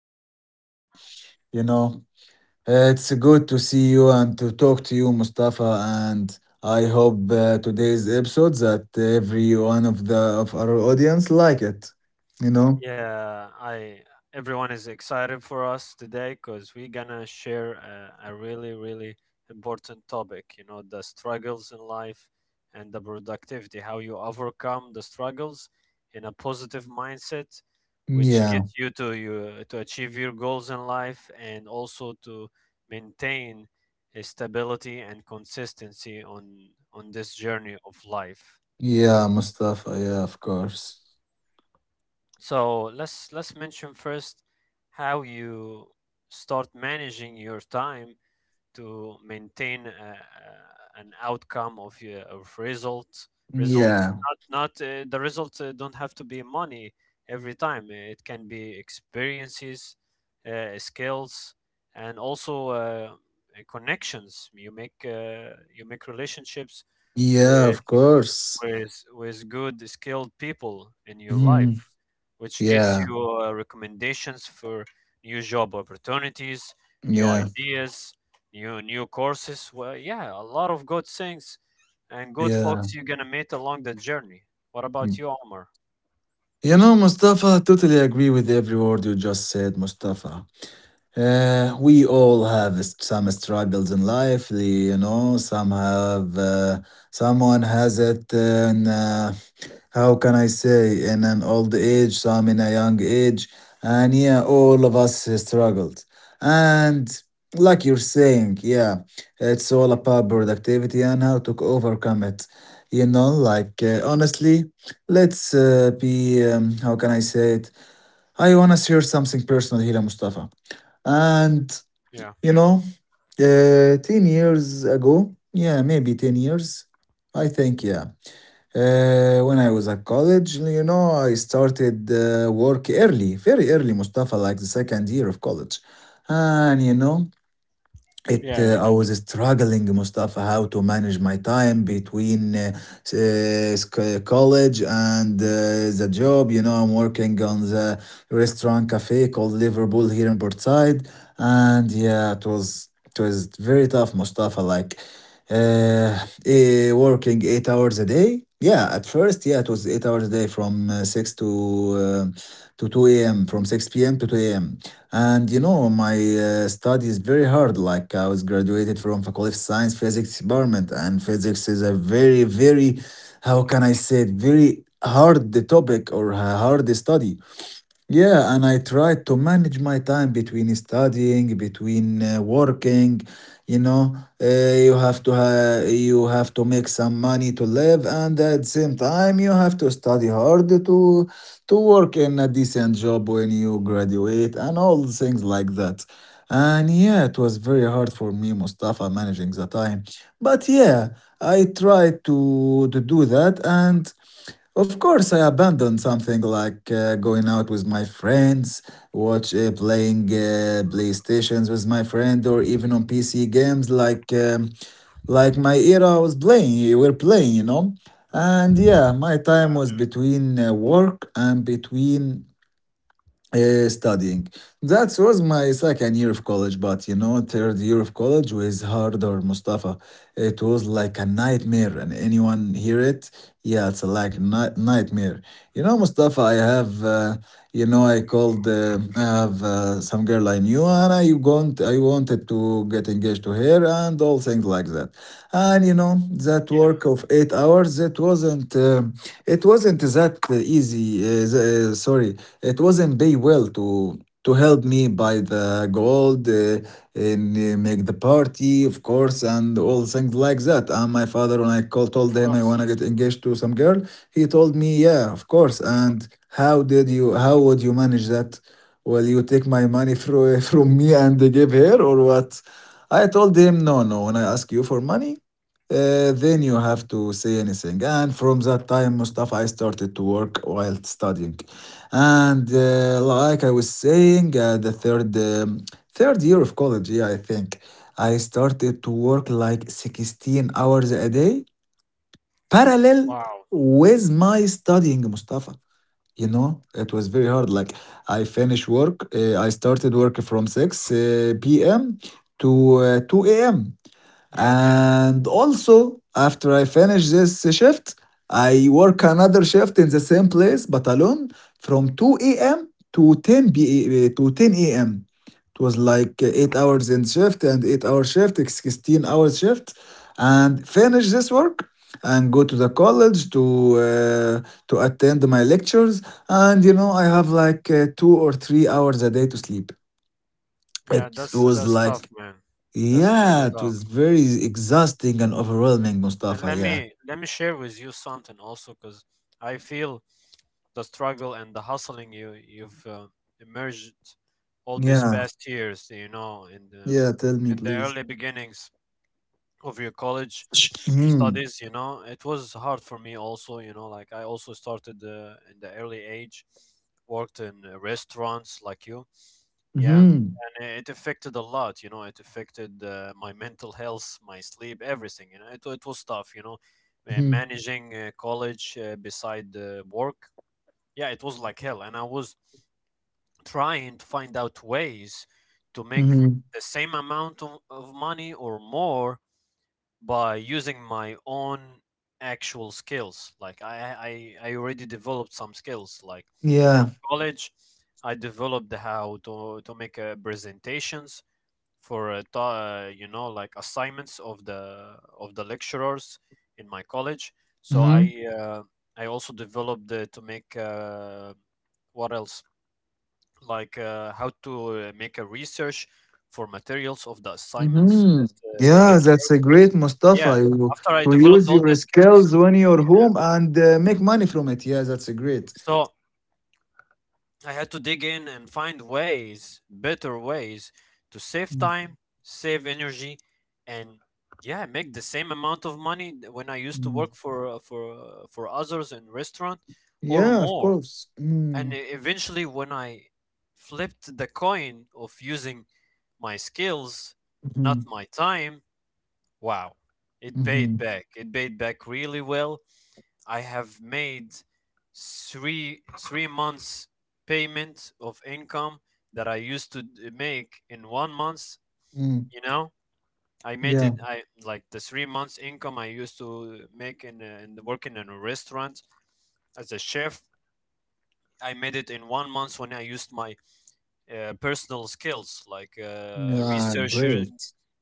for inviting me. You know, it's good to see you and to talk to you, Mustafa. And I hope today's episode that every one of the of our audience like it. You know? Yeah, I everyone is excited for us today because we're gonna share a really, really important topic, you know, the struggles in life and the productivity, how you overcome the struggles in a positive mindset, which Yeah, gets you to achieve your goals in life and also to maintain a stability and consistency on this journey of life. yeah, Mustafa. Yeah, of course. So let's mention first how you start managing your time to maintain an outcome of your of results results Yeah, not not the results don't have to be money every time. It can be experiences, skills, and also uh, connections you make, you make relationships yeah, of with uh, course. with good skilled people in your life, Mhm. which gets Yeah, you recommendations for new job opportunities, new yeah, ideas, new courses. Well, yeah, a lot of good things and good folks you're gonna meet along the journey. What about yeah. you, Omar? Mustafa, totally agree with every word you just said, Mustafa. We all have some struggles in life. Some have, someone has it in how can I say, in an old age, some in a young age. And yeah, all of us struggled. And like you're saying, yeah, it's all about productivity and how to overcome it. Like honestly, let's be, how can I say it? I want to share something personal here, Mustafa. And, Yeah, you know, 10 years ago, yeah, maybe 10 years, I think, yeah. When I was at college, I started work early, very early, Mustafa, like the second year of college. And you know, it yeah, yeah, I was struggling, Mustafa, how to manage my time between college and the job. I'm working on the restaurant cafe called Liverpool here in Portside, and yeah, it was very tough, Mustafa. Like uh, working 8 hours a day. Yeah, at first, yeah, it was 8 hours a day from six to 2 a.m., from 6 p.m. to 2 a.m. And my study is very hard. Like I was graduated from Faculty of Science Physics Department, and physics is a very, very, how can I say it, very hard topic or a hard study. Yeah, and I try to manage my time between studying, between working. You know, uh, you have to make some money to live, and at the same time, you have to study hard to work in a decent job when you graduate, and all things like that. And yeah, it was very hard for me, Mustafa, managing the time. But yeah, I tried to do that, and of course, I abandoned something like going out with my friends, watch playing PlayStations with my friend, or even on PC games like my era was playing. We're playing. And yeah, my time yeah, was between work and between studying. That was my second year of college, but third year of college was harder, Mustafa. It was like a nightmare, and anyone hear it, yeah, it's like nightmare. Mustafa, I have some girl I knew, and I wanted to get engaged to her, and all things like that. And that yeah, work of 8 hours, that it wasn't that easy. Sorry, it wasn't pay well to help me buy the gold and make the party, of course, and all things like that. And my father, when I called, told of him I course. wanna get engaged to some girl, he told me, yeah, of course. And how did you? How would you manage that? Will you take my money from me and give her or what? I told him, no, no. When I ask you for money. Then you have to say anything. And from that time, Mustafa, I started to work while studying. And like I was saying, the third year of college, yeah, I think I started to work like 16 hours a day parallel Wow. with my studying, Mustafa. It was very hard. Like I started work from 6 p.m. to 2 a.m. Yeah, And also, after I finish this shift, I work another shift in the same place but alone from 2 a.m. to 10 p.m. to 10 a.m. It was like 8 hours in shift and 8 hour shift, 16 hours shift, and finish this work and go to the college uh, to attend my lectures. And I have like 2 or 3 hours a day to sleep. yeah, It was that's tough, like man. That's really yeah, it tough. was very exhausting and overwhelming, And Mustafa. let Yeah. me let me share with you something also, because I feel the struggle and the hustling you've emerged all these Yeah. past years, you know, Yeah. Tell me, in the please. early beginnings of your college Hmm. studies. You know, it was hard for me also. You know, like I also started in the early age, worked in restaurants like you. Yeah, Hmm. and it affected a lot. You know, it affected my mental health, my sleep, everything. You know, it was tough, you know, Hmm. managing college beside work. Yeah, it was like hell. And I was trying to find out ways to make Hmm. the same amount of money or more by using my own actual skills. Like I already developed some skills. Like from Yeah. college, I developed how to make presentations for you know, like assignments of the lecturers in my college. So Hmm. I also developed to make what else, like how to make a research for materials of the assignments that Hmm. The Yeah. that's a lecturers. great, Yeah, Mustafa. You, after I you developed use all your the skills, skills when you're home and make money from it. Yeah, that's a great. so I had to dig in and find ways, better ways, to save Mm, time, save energy, and yeah, make the same amount of money when I used to mm. work for for others in restaurant, or Yeah, of more. course. And Mm, eventually, when I flipped the coin of using my skills, not mhm, my time. Wow. It paid mhm, back. It paid back really well. I have made three months payment of income that I used to make in 1 month. mm. You know, I made Yeah. it. I like the 3 months income I used to make in working in a restaurant as a chef. I made it in 1 month when I used my personal skills, like Yeah, researcher, great.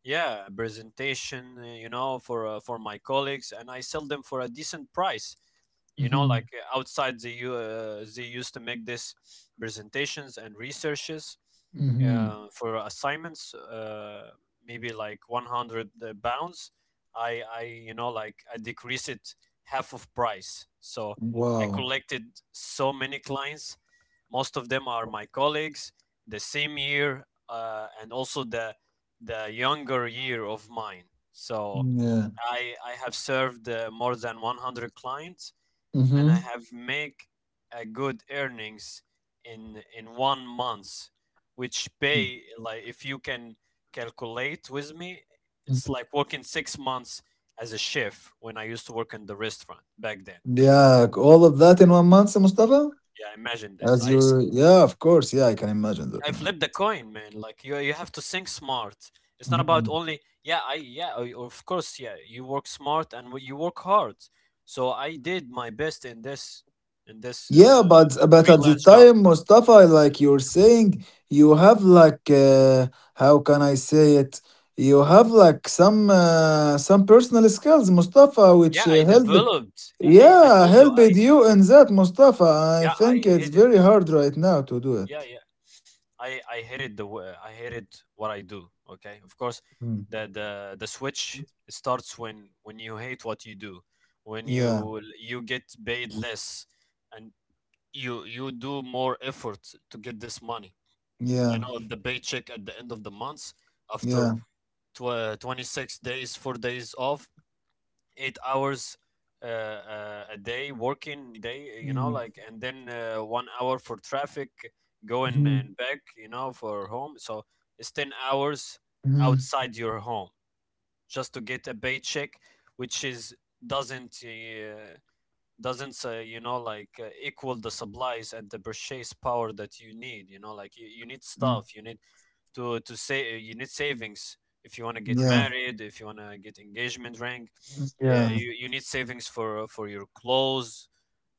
yeah, presentation, you know, for my colleagues, and I sell them for a decent price. You know, Mm-hmm. like outside the they used to make this presentations and researches Mm-hmm. For assignments maybe like 100 pounds. I you know, like I decrease it half of price. So I Wow. collected so many clients, most of them are my colleagues the same year, and also the younger year of mine. So Yeah. I have served more than 100 clients, and Mm-hmm. I have make a good earnings in 1 month, which pay, like, if you can calculate with me, it's like working 6 months as a chef when I used to work in the restaurant back then. Yeah, all of that in one month, Mustafa? Yeah, imagine this As you, i yeah, of course, yeah, I can imagine I that now. flipped the coin, man. Like you have to think smart. It's not about Mhm. only, yeah, I, yeah, of course, yeah. You work smart and you work hard. So I did my best in this Yeah, but at the freelance job. time, Mustafa, like you're saying, you have like how can I say it? You have like some personal skills, Mustafa, Yeah, which I help. developed. Yeah, I Yeah, told you I helped you in that, Mustafa. I yeah think I it's hated, very hard right now to do it. yeah, yeah, I hated the I hated what I do. Okay, of course, Mm. the switch starts when you hate what you do, when Yeah, you get paid less, and you do more effort to get this money. You yeah, know, the paycheck at the end of the month after yeah. 26 days, 4 days off, 8 hours a day working day, you know, like, and then 1 hour for traffic going Mm. and back, you know, for home. So it's 10 hours Mhm, outside your home just to get a paycheck, which is doesn't uh, doesn't say, you know, like, equal the supplies and the purchase power that you need. You know, like, you need mm, stuff, you need to say, you need savings if you want to get yeah, married, if you want to get engagement ring. mm, Yeah, yeah, you need savings for your clothes.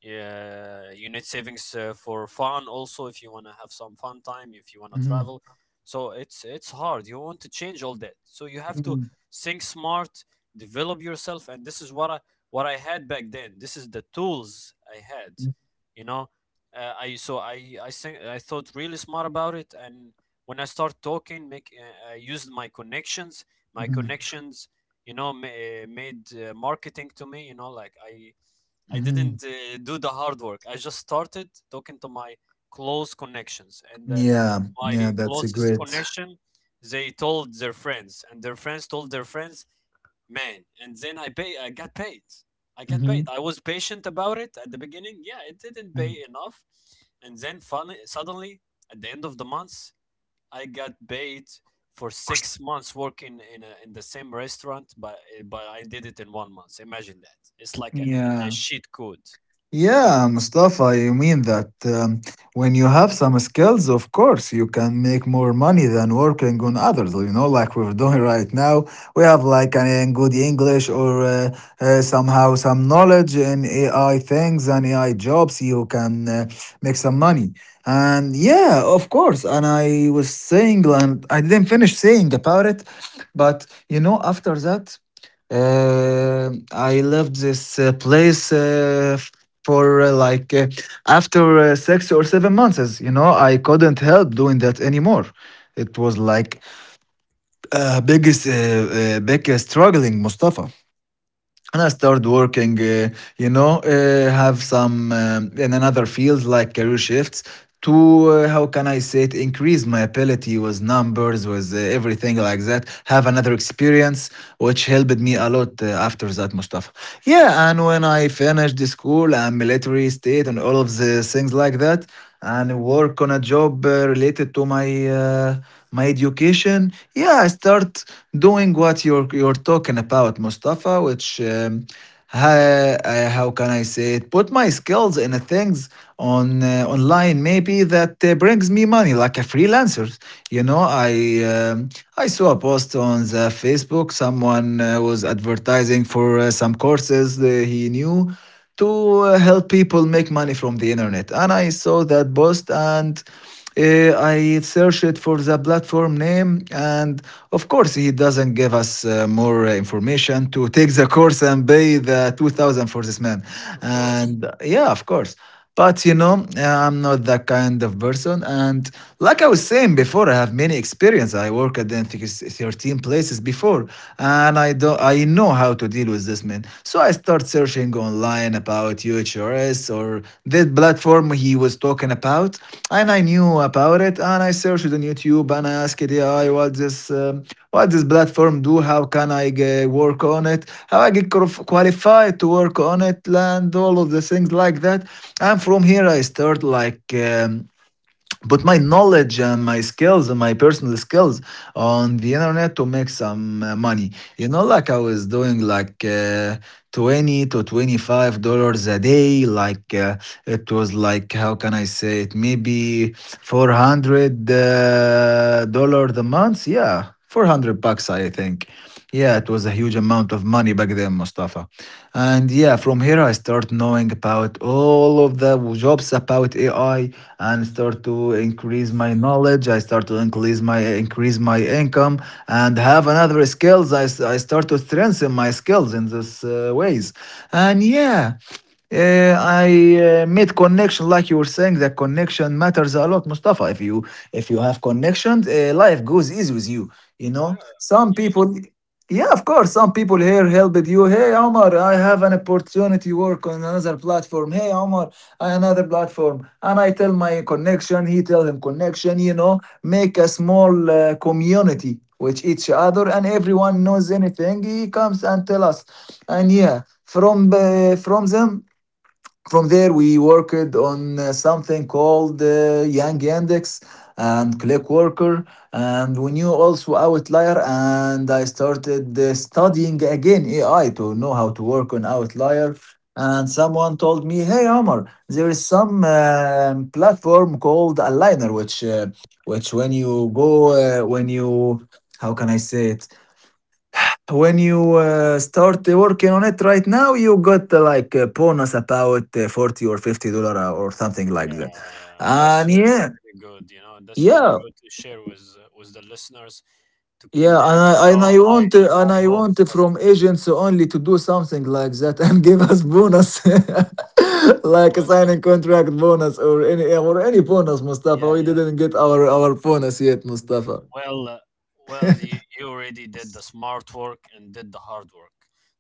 Yeah, you need savings for fun also, if you want to have some fun time, if you want to mhm, travel. So it's hard. You want to change all that. So you have to mhm, think smart, develop yourself, and this is what I had back then. This is the tools I had, mm, you know. I so I think I thought really smart about it, and when I start talking, make I used my connections. My mhm, connections, you know, made marketing to me. You know, like I mhm. didn't do the hard work. I just started talking to my close connections, and Yeah, my yeah, that's a closest great. connection, they told their friends, and their friends told their friends, man. And then I pay. I got paid. I got paid. Mhm, I was patient about it at the beginning. Yeah, it didn't pay mm, enough, and then finally, suddenly, at the end of the month, I got paid for 6 months working in the same restaurant, but but I did it in 1 month. Imagine that. It's like a yeah. sheet code. Of- Yeah, Mustafa, I mean that when you have some skills, of course, you can make more money than working on others, like we're doing right now. We have like an, good English or somehow some knowledge in AI things and AI jobs, you can make some money. And yeah, of course. And I was saying, and I didn't finish saying about it, but after that, I left this place for like after 6 or 7 months. I couldn't help doing that anymore. It was like uh, biggest uh, big struggling, Mustafa. And I started working, you know, uh, have some, in another field like career shifts to how can I say it, increase my ability with numbers, with everything like that. Have another experience, which helped me a lot after that, Mustafa. Yeah, and when I finished the school and military state and all of the things like that and work on a job related to my education. Yeah, I start doing what you're talking about, Mustafa, which how can I say it, put my skills in a things on online maybe that brings me money like a freelancer. You know I um, I saw a post on the Facebook, someone was advertising for some courses that he knew to help people make money from the internet. And I saw that post and I searched for the platform name. And of course, he doesn't give us more information to take the course and pay the 2000 for this man. Of course. And yeah, of course. But I'm not that kind of person. And like I was saying before, I have many experience. I worked at, I think, it's 13 places before, and I know how to deal with this man. So I start searching online about UHRS or that platform he was talking about, and I knew about it. And I searched on YouTube and I asked AI, "What this?" What this platform do, how can I work on it, how I get qualified to work on it, and all of the things like that. And from here, I start like put my knowledge and my skills and my personal skills on the internet to make some money. Like I was doing like 20 to $25 a day. Like it was like how can I say it, maybe 400 dollars a month. Yeah, 400 bucks, I think. Yeah, it was a huge amount of money back then, Mustafa. And yeah, from here I start knowing about all of the jobs about AI and start to increase my knowledge. I start to increase my income and have another skills. I start to strengthen my skills in this ways. And yeah, I made connection, like you were saying, that connection matters a lot, Mustafa. If you have connections, life goes easy with you. You know, Yeah. some people yeah, of course. Some people here helped you. Hey, Omar, I have an opportunity work on another platform. Hey, Omar, another platform. And I tell my connection, he tell him connection, make a small community with each other and everyone knows anything. He comes and tell us. And yeah, from them from there, we worked on something called Yang Index and ClickWorker, and we knew also Outlier. And I started studying again AI to know how to work on Outlier. And someone told me, "Hey, Omar, there is some platform called Aligner, which when you go when you how can I say it when you start working on it right now, you got like a bonus about 40 or $50 , or something like that." Yeah, yeah. And That's really good. You know, that's really yeah, good to share with the listeners, to keep yeah. them, And you I, and know, I high want high hopes for it. from agents only to do something like that and give us bonus, like a Well, signing contract bonus or any bonus, Mustafa. yeah, We yeah. didn't get our bonus yet, Mustafa. Well, well, you already did the smart work and did the hard work.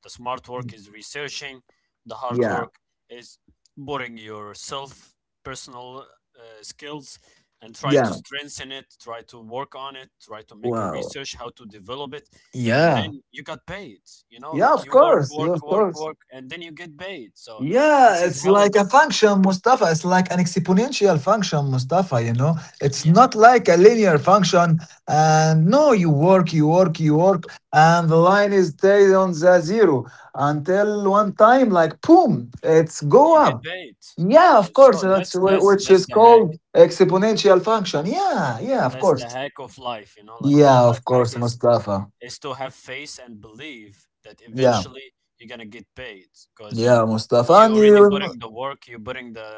The smart work is researching. The hard Yeah, work is putting your self personal skills and try to yeah. strengthen it, try to work on it, try to make a Wow. research how to develop it, and Yeah. then you got paid. You know, like you work, Yeah, work, Of work, course. work, and then you get paid. So this Yeah, is it's how it. like a This is function, Mustafa. It's like an exponential function, Mustafa, you know? It's yeah, not like a linear function. And no, you work, you work, you work, and the line is stayed on the zero until one time, like, boom, it's you go get up. paid. Yeah, Yeah, of course, so that's that's that's which that's is the hack. called exponential function. Yeah, yeah, of That's the course. hack of life. You know, like, the Yeah, life of hack course, is Mustafa. To have faith and believe that Yeah, eventually you're gonna get paid, because yeah, Mustafa. you And already you, putting the work, you're putting the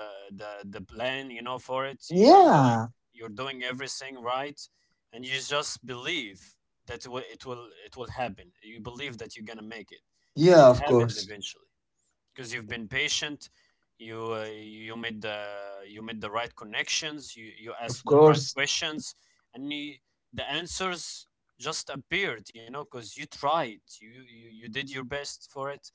the the plan, you know, for it. You are doing yeah, you're doing everything right, and you just believe that it will happen. You believe that you're gonna make it, and yeah, it of happens course. eventually, because you've been patient, you you made the right connections, you Of asked the right course. questions, and the answers just appeared. You know, because you tried you you did your best for it,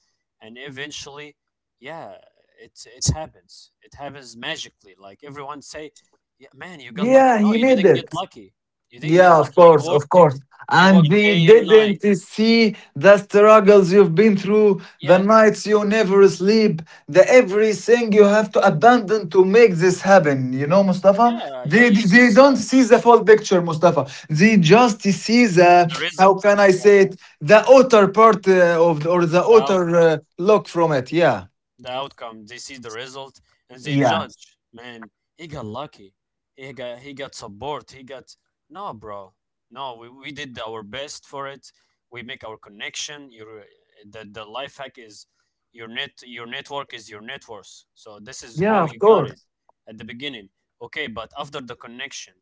and eventually, yeah, it happens. It happens magically, like everyone say, "Yeah, man, you got lucky." Yeah, No, he you made didn't get it. lucky. You didn't get Yeah, of lucky. You course, of worked. course. You And worked they day and night. didn't see the struggles you've been through, the Yeah, nights you never sleep, the everything you have to abandon to make this happen. You know, Mustafa? yeah, yeah, They, you they don't sacrificed see the full picture, Mustafa. They just see the, the how result. can I say Yeah. it, the outer part of, or the The outer outcome, look from it. Yeah. the outcome. They see the result and they Yeah. judge. Man, he got lucky. He got support. He got no, bro. No, we did our best for it. We make our connection. Your the life hack is your net your network is your net worth. So this is Yeah, how of you got it course. at the beginning. Okay, but after the connection,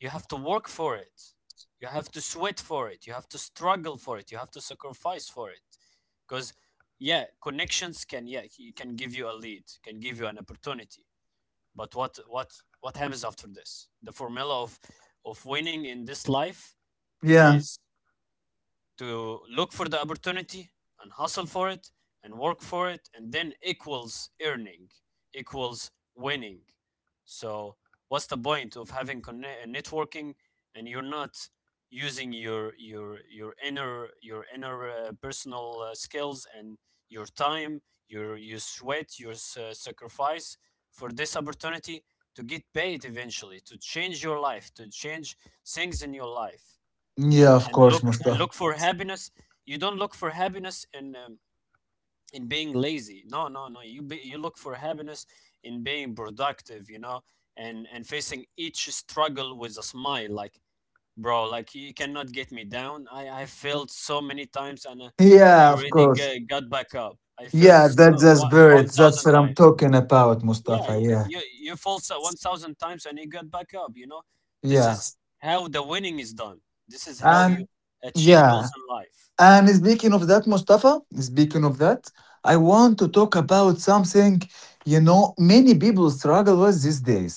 you have to work for it. You have to sweat for it. You have to struggle for it. You have to sacrifice for it because yeah, connections can, yeah, he can give you a lead, can give you an opportunity, but what what happens after this? The formula of winning in this life Yeah. is to look for the opportunity and hustle for it and work for it, and then equals earning, equals winning. So what's the point of having networking and you're not using your inner personal skills and your time, your sweat, your sacrifice for this opportunity to get paid eventually, to change your life, to change things in your life, Yeah, and of and course, look and Mustafa. look for happiness. You don't look for happiness in being lazy. No, no, no, you you look for happiness in being productive, you know, and facing each struggle with a smile. Like, bro, like, you cannot get me down. I failed so many times, and uh, i Yeah, of already course. g- got back up. I failed Yeah, that's so, the spirit. That's 1,000 what I'm times. talking about, Yeah, Mustafa. Yeah, you you fall so 1,000 times and you get back up, you know? This yeah, is how the winning is done. This is how you and achieve goals yeah, in life. And speaking of that, Mustafa, speaking of that, I want to talk about something you know many people struggle with these days.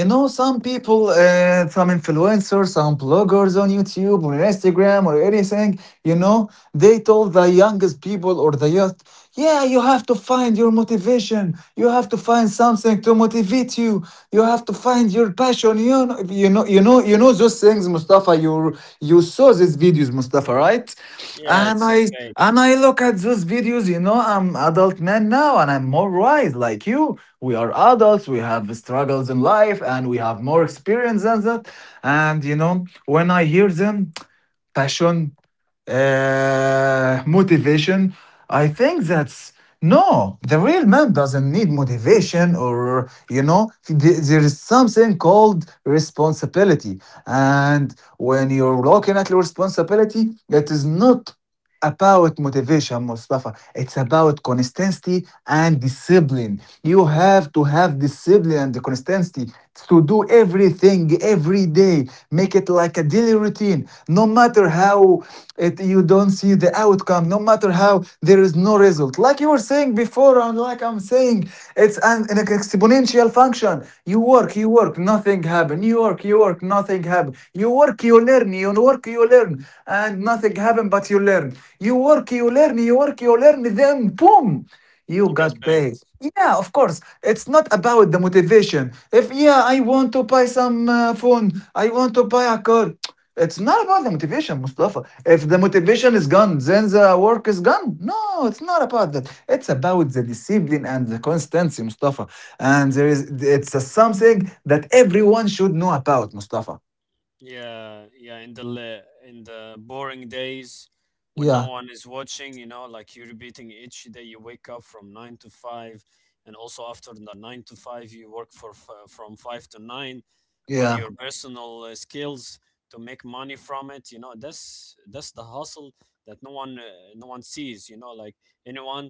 You know, some influencers, some bloggers on YouTube or Instagram or anything, you know, they told the youngest people or the youth, yeah, you have to find your motivation. You have to find something to motivate you. You have to find your passion. You know those things, Mustafa. You saw these videos, Mustafa, right? Yeah, and it's a i fake. Look at those videos. You know, I'm adult man now and I'm more wise. Like you, we are adults, we have struggles in life and we have more experience than that. And you know, when I hear them passion, motivation, I think that's, no, the real man doesn't need motivation. Or, you know, there is something called responsibility. And when you're looking at your responsibility, it is not about motivation, Mustafa. It's about consistency and discipline. You have to have discipline and consistency to do everything every day. Make it like a daily routine. No matter how it, you don't see the outcome, no matter how there is no result. Like you were saying before, and like I'm saying, it's an exponential function. You work, nothing happen. You work, nothing happen. You work, you learn, you work, you learn, and nothing happen, but you learn. You work, you learn, you work, you learn, then boom, you You got got paid. paid. Yeah, of course. It's not about the motivation. If yeah, I want to buy some phone, I want to buy a car. It's not about the motivation, Mustafa. If the motivation is gone, then the work is gone. No, it's not about that. It's about the discipline and the constancy, Mustafa. Mm. And there is it's a something that everyone should know about, Mustafa. Yeah, yeah, in the in the boring days when no Yeah, one is watching, you know, like you're repeating each day. You wake up from 9 to 5, and also after the 9 to 5 you work from 5 to 9 on yeah, your personal skills to make money from it, you know. That's the hustle that no one, no one sees, you know, like anyone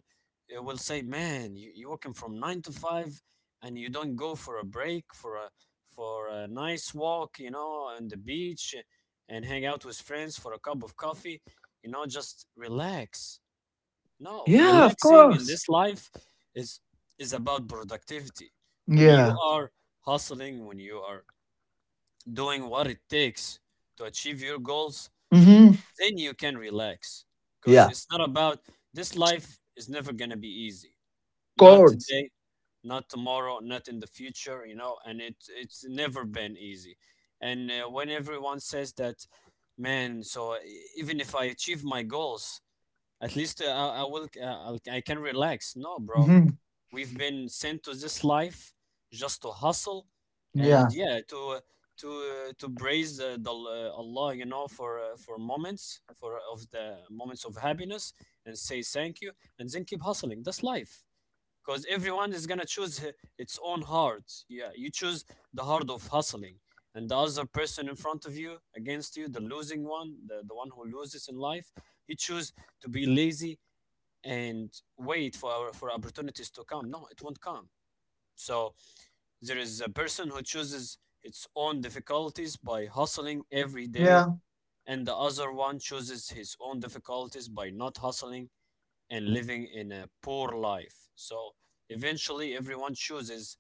will say, man, you're working from nine to five and you don't go for a break, for a nice walk, you know, on the beach, and hang out with friends for a cup of coffee, you know, just relax. No, Yeah, of relaxing in course. this life is is about productivity. When you Yeah. are hustling, when you are doing what it takes to achieve your goals, Mm-hmm. then you can relax. Because Yeah, it's not about, this life is never gonna be easy. of Not course. today, not tomorrow, not in the future. You know, and it it's never been easy. And when everyone says that, man, so even if I achieve my goals, at least I will, I can relax. No, bro, Mm-hmm. we've been sent to this life just to hustle Yeah. and, yeah, to to praise Allah, you know, for moments, for of the moments of happiness, and say thank you, and then keep hustling. That's life. Because everyone is gonna choose its own hard. Yeah, you choose the hard of hustling, and the other person in front of you, against you, the losing one, the one who loses in life, he choose to be lazy and wait for for opportunities to come. No, it won't come. So there is a person who chooses its own difficulties by hustling every day, Yeah. and the other one chooses his own difficulties by not hustling and living in a poor life. So eventually, everyone chooses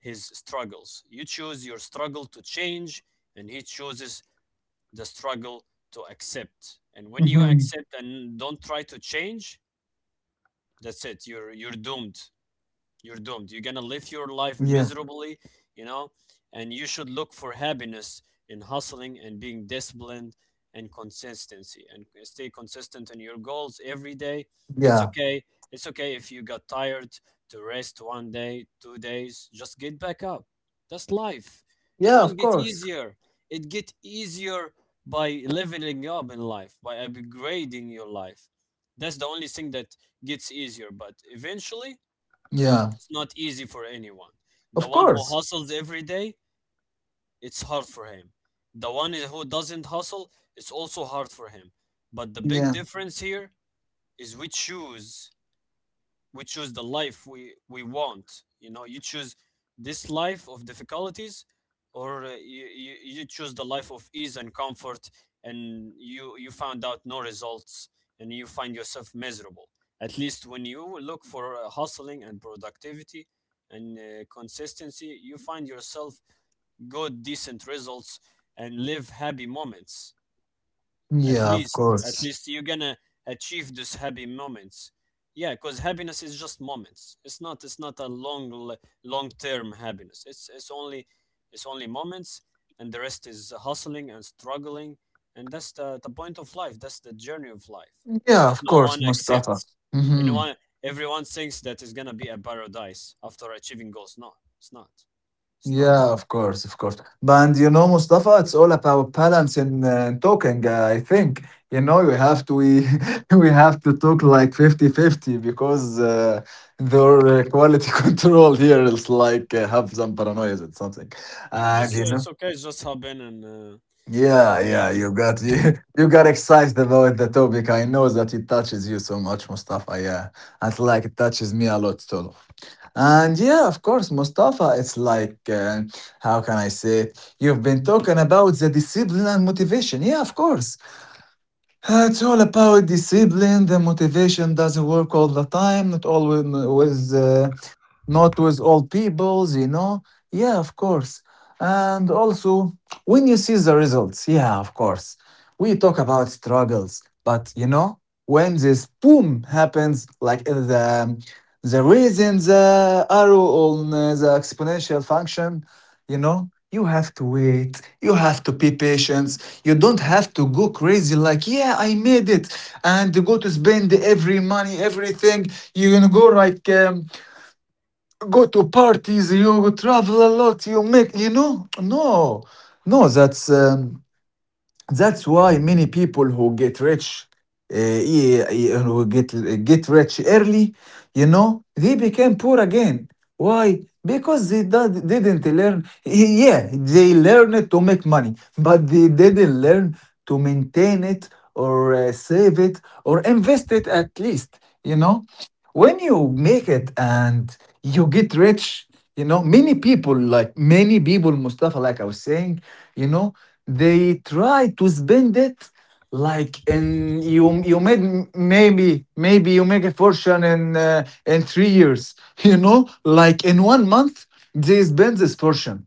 his struggles. You choose your struggle to change, and he chooses the struggle to accept. And when you Mm-hmm. accept and don't try to change, that's it. You're doomed, you're doomed. You're Yeah. gonna live your life miserably, you know, and you should look for happiness in hustling and being disciplined and consistency, and stay consistent in your goals every day. Yeah. It's okay. It's okay if you got tired, to rest one day, two days, just get back up. That's life. Yeah, of It won't get course. easier. It get easier by leveling up in life, by upgrading your life. That's the only thing that gets easier, but eventually Yeah. it's not easy for anyone. The Of one who course. hustles every day, it's hard for him. The one who doesn't hustle, it's also hard for him. But the big Yeah. difference here is we choose the life we want, you know. You choose this life of difficulties, or you you choose the life of ease and comfort, and you found out no results and you find yourself miserable. At least when you look for hustling and productivity and consistency, you find yourself good, decent results and live happy moments. At Yeah. Of least, at course. least you're gonna achieve those happy moments, yeah, because happiness is just moments. It's not a long, long term happiness. It's it's only it's only moments, and the rest is hustling and struggling, and that's the point of life, that's the journey of life Yeah. that Of no course, one Mustafa. accepts, and no Mm-hmm. one, everyone thinks that it's gonna be a paradise after achieving goals. No, it's not, it's not, Yeah, bro. of course, of course. But And you know, Mustafa, it's all about balance and talking, I think. You know, we have to we, we have to talk like 50-50 because their quality control here is like have some paranoia or something. Yeah, And just you know, it's okay, it's just happened, and uh, cut yeah, me yeah, off. you got you got excited about the topic. I know that it touches you so much, Mustafa. Yeah, and like it touches me a lot too. And yeah, of course, Mustafa, it's like, how can I say it? You've been talking about the discipline and motivation. Yeah, of course. It's all about discipline. The motivation doesn't work all the time, not always, not with all peoples, you know. Yeah, of course. And also, when you see the results, yeah, of course, we talk about struggles, but you know, when this boom happens, like the reason the arrow on the exponential function, you know, you have to wait, you have to be patient, you don't have to go crazy like, yeah, I made it, and go to spend every money, everything. You're gonna go like. Go to parties, you travel a lot, you make, you know? No, no, that's. Um, that's why many people who get rich, e- e- who get rich early, you know, they became poor again. Why? Because they didn't learn. Yeah, they learned to make money, but they didn't learn to maintain it or save it or invest it at least. You know, when you make it and you get rich, you know, many people, like many people, Mustafa, like I was saying, you know, they try to spend it like in you you made m- maybe maybe you make a fortune in 3 years you know, like in one month they spend this fortune,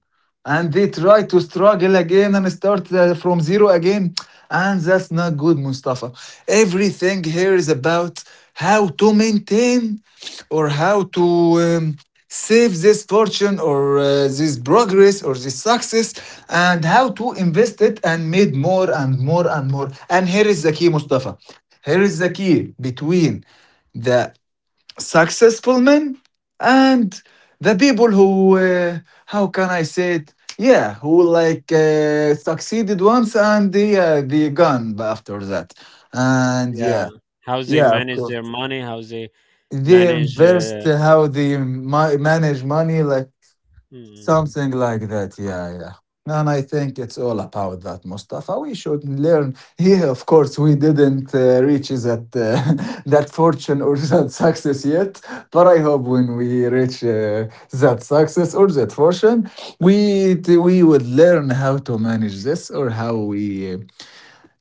and they try to struggle again and start from zero again. And that's not good, Mustafa. Everything here is about how to maintain or how to um, save this fortune or this progress or this success, and how to invest it and made more and more and more. And here is the key, Mustafa, here is the key between the successful men and the people who how can I say it yeah, who like succeeded once and yeah, they gone after that. And yeah. Yeah, how they Yeah, of manage course, their money, how they they manage invest, how they manage money, like, mm. something like that, yeah, yeah. And I think it's all about that, Mustafa. We should learn. Yeah, of course, we didn't reach that that fortune or that success yet, but I hope when we reach that success or that fortune, we we would learn how to manage this or how we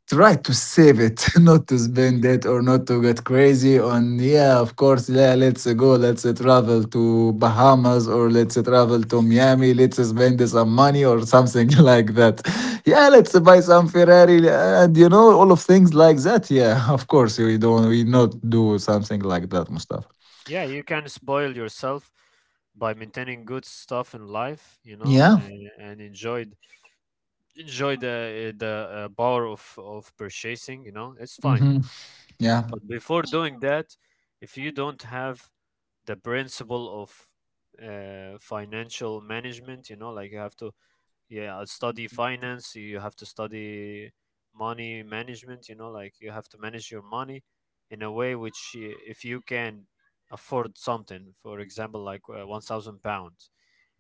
try to save it, not to spend it or not to get crazy on, yeah, of course, yeah, let's go, let's travel to Bahamas or let's travel to Miami, let's spend some money or something like that. Yeah, let's buy some Ferrari and you know, all of things like that. Yeah, of course, we don't, we not do something like that, Mustafa. Yeah, you can spoil yourself by maintaining good stuff in life, you know, Yeah. And enjoy, enjoy the power of purchasing, you know, it's fine. Mm-hmm. Yeah. But before doing that, if you don't have the principle of financial management, you know, like, you have to, yeah, study finance. You have to study money management, you know, like, you have to manage your money in a way which, if you can afford something, for example, like, 1,000 pounds,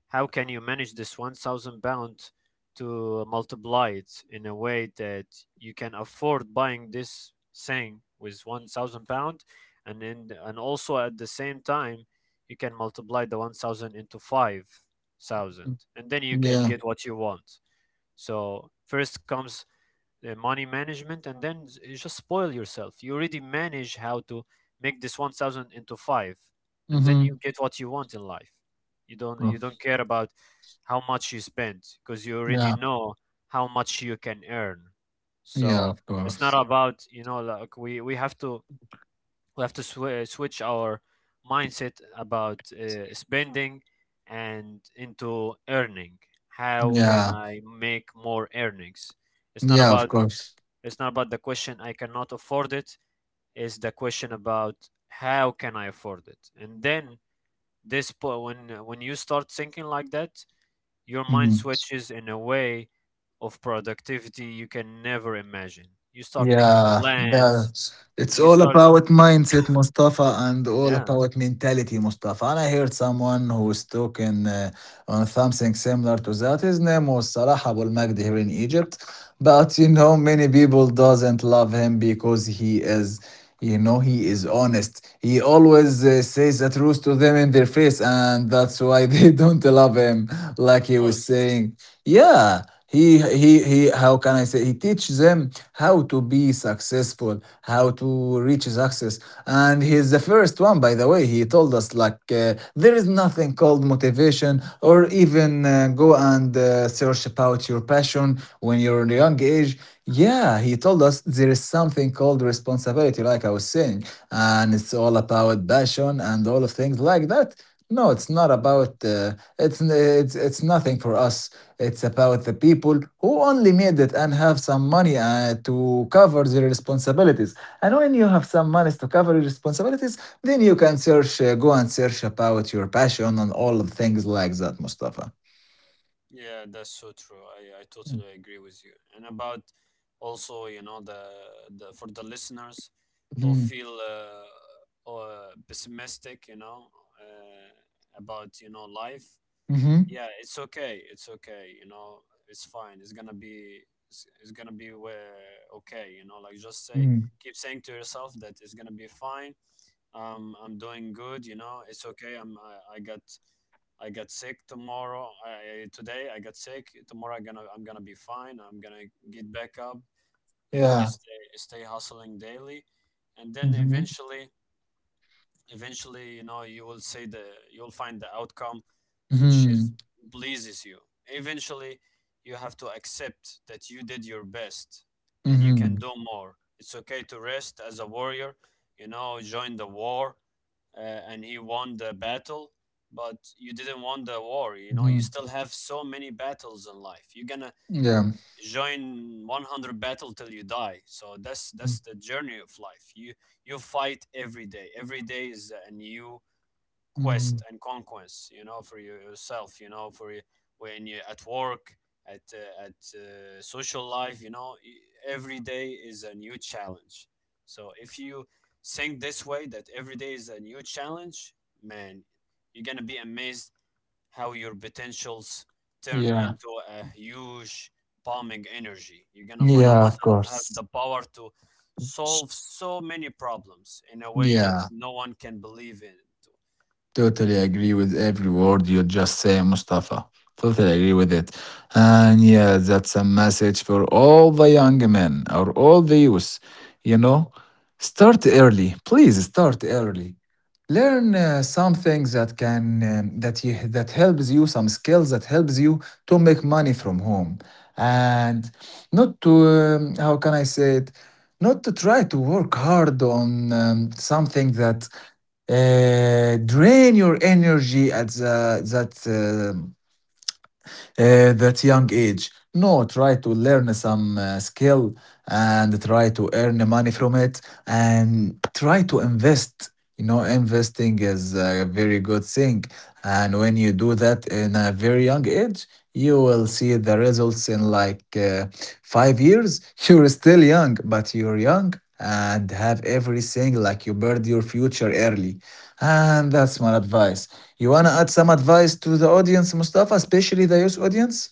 how can you manage this 1,000 pound to multiply it in a way that you can afford buying this thing with 1,000 pound, and then, and also at the same time you can multiply the 1,000 into 5,000, and then you can Yeah. get what you want. So first comes money management, and then you just spoil yourself. You already manage how to make this 1,000 into 5, and then Mm-hmm. you get what you want in life. You Oh, don't care about how much you spend because you already yeah. know how much you can earn. Yeah, So of it's not course. about, you know, like, we have to, we have to switch our mindset about spending and into earning. How can Yeah. I make more earnings? it's not Yeah, of about course. it's not about the question, I cannot afford it. It's the question about how can I afford it. And then when you start thinking like that, your mind Mhm. switches in a way of productivity you can never imagine. You start making Yeah, plans. that's it's You all start, about mindset, Mustafa, and all yeah, about mentality, Mustafa. And I heard someone who was talking on something similar to that. His name was Salah Abul Magdi here in Egypt, but you know, many people doesn't love him because he is, you know, he is honest. He always says the truth to them in their face, and that's why they don't love him. Like of he was course. saying, yeah, he he. How can I say? He teaches them how to be successful, how to reach his access. And he's the first one, by the way. He told us, like, there is nothing called motivation or even go and search about your passion when you're in a young age. Yeah, he told us there is something called responsibility, like I was saying. And it's all about passion and all of things like that. No, it's not about it's nothing for us. It's about the people who only made it and have some money to cover their responsibilities. And when you have some money to cover your responsibilities, then you can search, go and search about your passion and all of things like that, Mustafa. Yeah, that's so true. I Mm. totally agree with you. And about also, you know, the for the listeners who Mm-hmm. feel pessimistic, you know, about, you know, life. Mm-hmm. Yeah, it's okay. It's okay. You know, it's fine. It's gonna be okay. You know, like, just say, Hmm. keep saying to yourself that it's gonna be fine. I'm doing good, you know. It's okay. I got, I got sick tomorrow. Today I got sick. Tomorrow I'm gonna be fine. I'm gonna get back up, you know, Yeah. stay, stay hustling daily. And then Mm-hmm. eventually, eventually, you know, you'll find the outcome which Mm-hmm. is pleases you. Eventually you have to accept that you did your best, and you Mm-hmm. can do more. It's okay to rest as a warrior, you know, join the war, and he won the battle, but you didn't won the war, you know. You Mm-hmm. still have so many battles in life. You're gonna Yeah. join 100 battle till you die. So that's the journey of life. You fight every day. Every day is a new Mm-hmm. quest and conquest, you know, for yourself, you know, for when you're at work, at social life, you know, every day is a new challenge. So if you think this way, that every day is a new challenge, man, you're gonna be amazed how your potentials turn Yeah. into a huge bombing energy. You're gonna find Yeah, of yourself have course. the power to solve so many problems in a way that Yeah. no one can believe in. Totally agree with every word you just say, Mustafa. Totally agree with it. And yeah, that's a message for all the young men or all the youth. You know, start early. Please start early. Learn some things that can that helps you, some skills that helps you to make money from home and not to how can I say it not to try to work hard on something that drain your energy at the, um, that young age. No, try to learn some skill and try to earn money from it and try to invest. You know, investing is a very good thing, and when you do that in a very young age, you will see the results in like 5 years. You're still young, but you're young and have everything, like you bird your future early. And that's my advice. You wanna add some advice to the audience, Mustafa, especially the youth audience?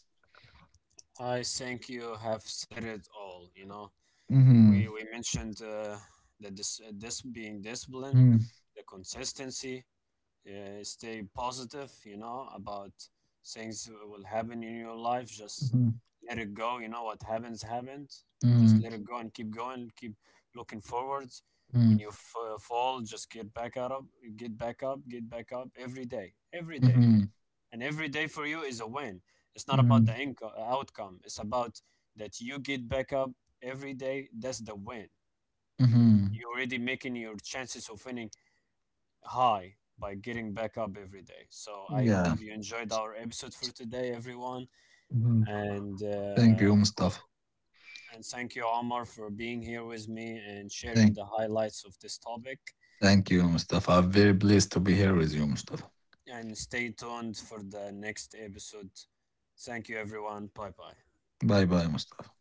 I think you have said it all. You know, Mm-hmm. we mentioned this being discipline, Mm-hmm. the consistency, stay positive, you know, about things will happen in your life. Just Mm-hmm. let it go, you know. What happens happened, just Mm-hmm. let it go, and keep going, keep looking forwards. When you fall, just get back up, get back up, get back up, every day, every day, Mm-hmm. and every day for you is a win. It's not about the Mm-hmm. Outcome. It's about that you get back up every day. That's the win. Mm-hmm. You're already making your chances of winning high by getting back up every day. So I Yeah. hope you enjoyed our episode for today, everyone, Hmm. and Thank uh, you, for, Mustafa. and thank you, Omar, for being here with me and sharing Thank the highlights of this topic. thank you, Mustafa. I'm very pleased to be here with you, Mustafa. And stay tuned for the next episode. Thank you, everyone. Bye bye. Bye bye, Mustafa.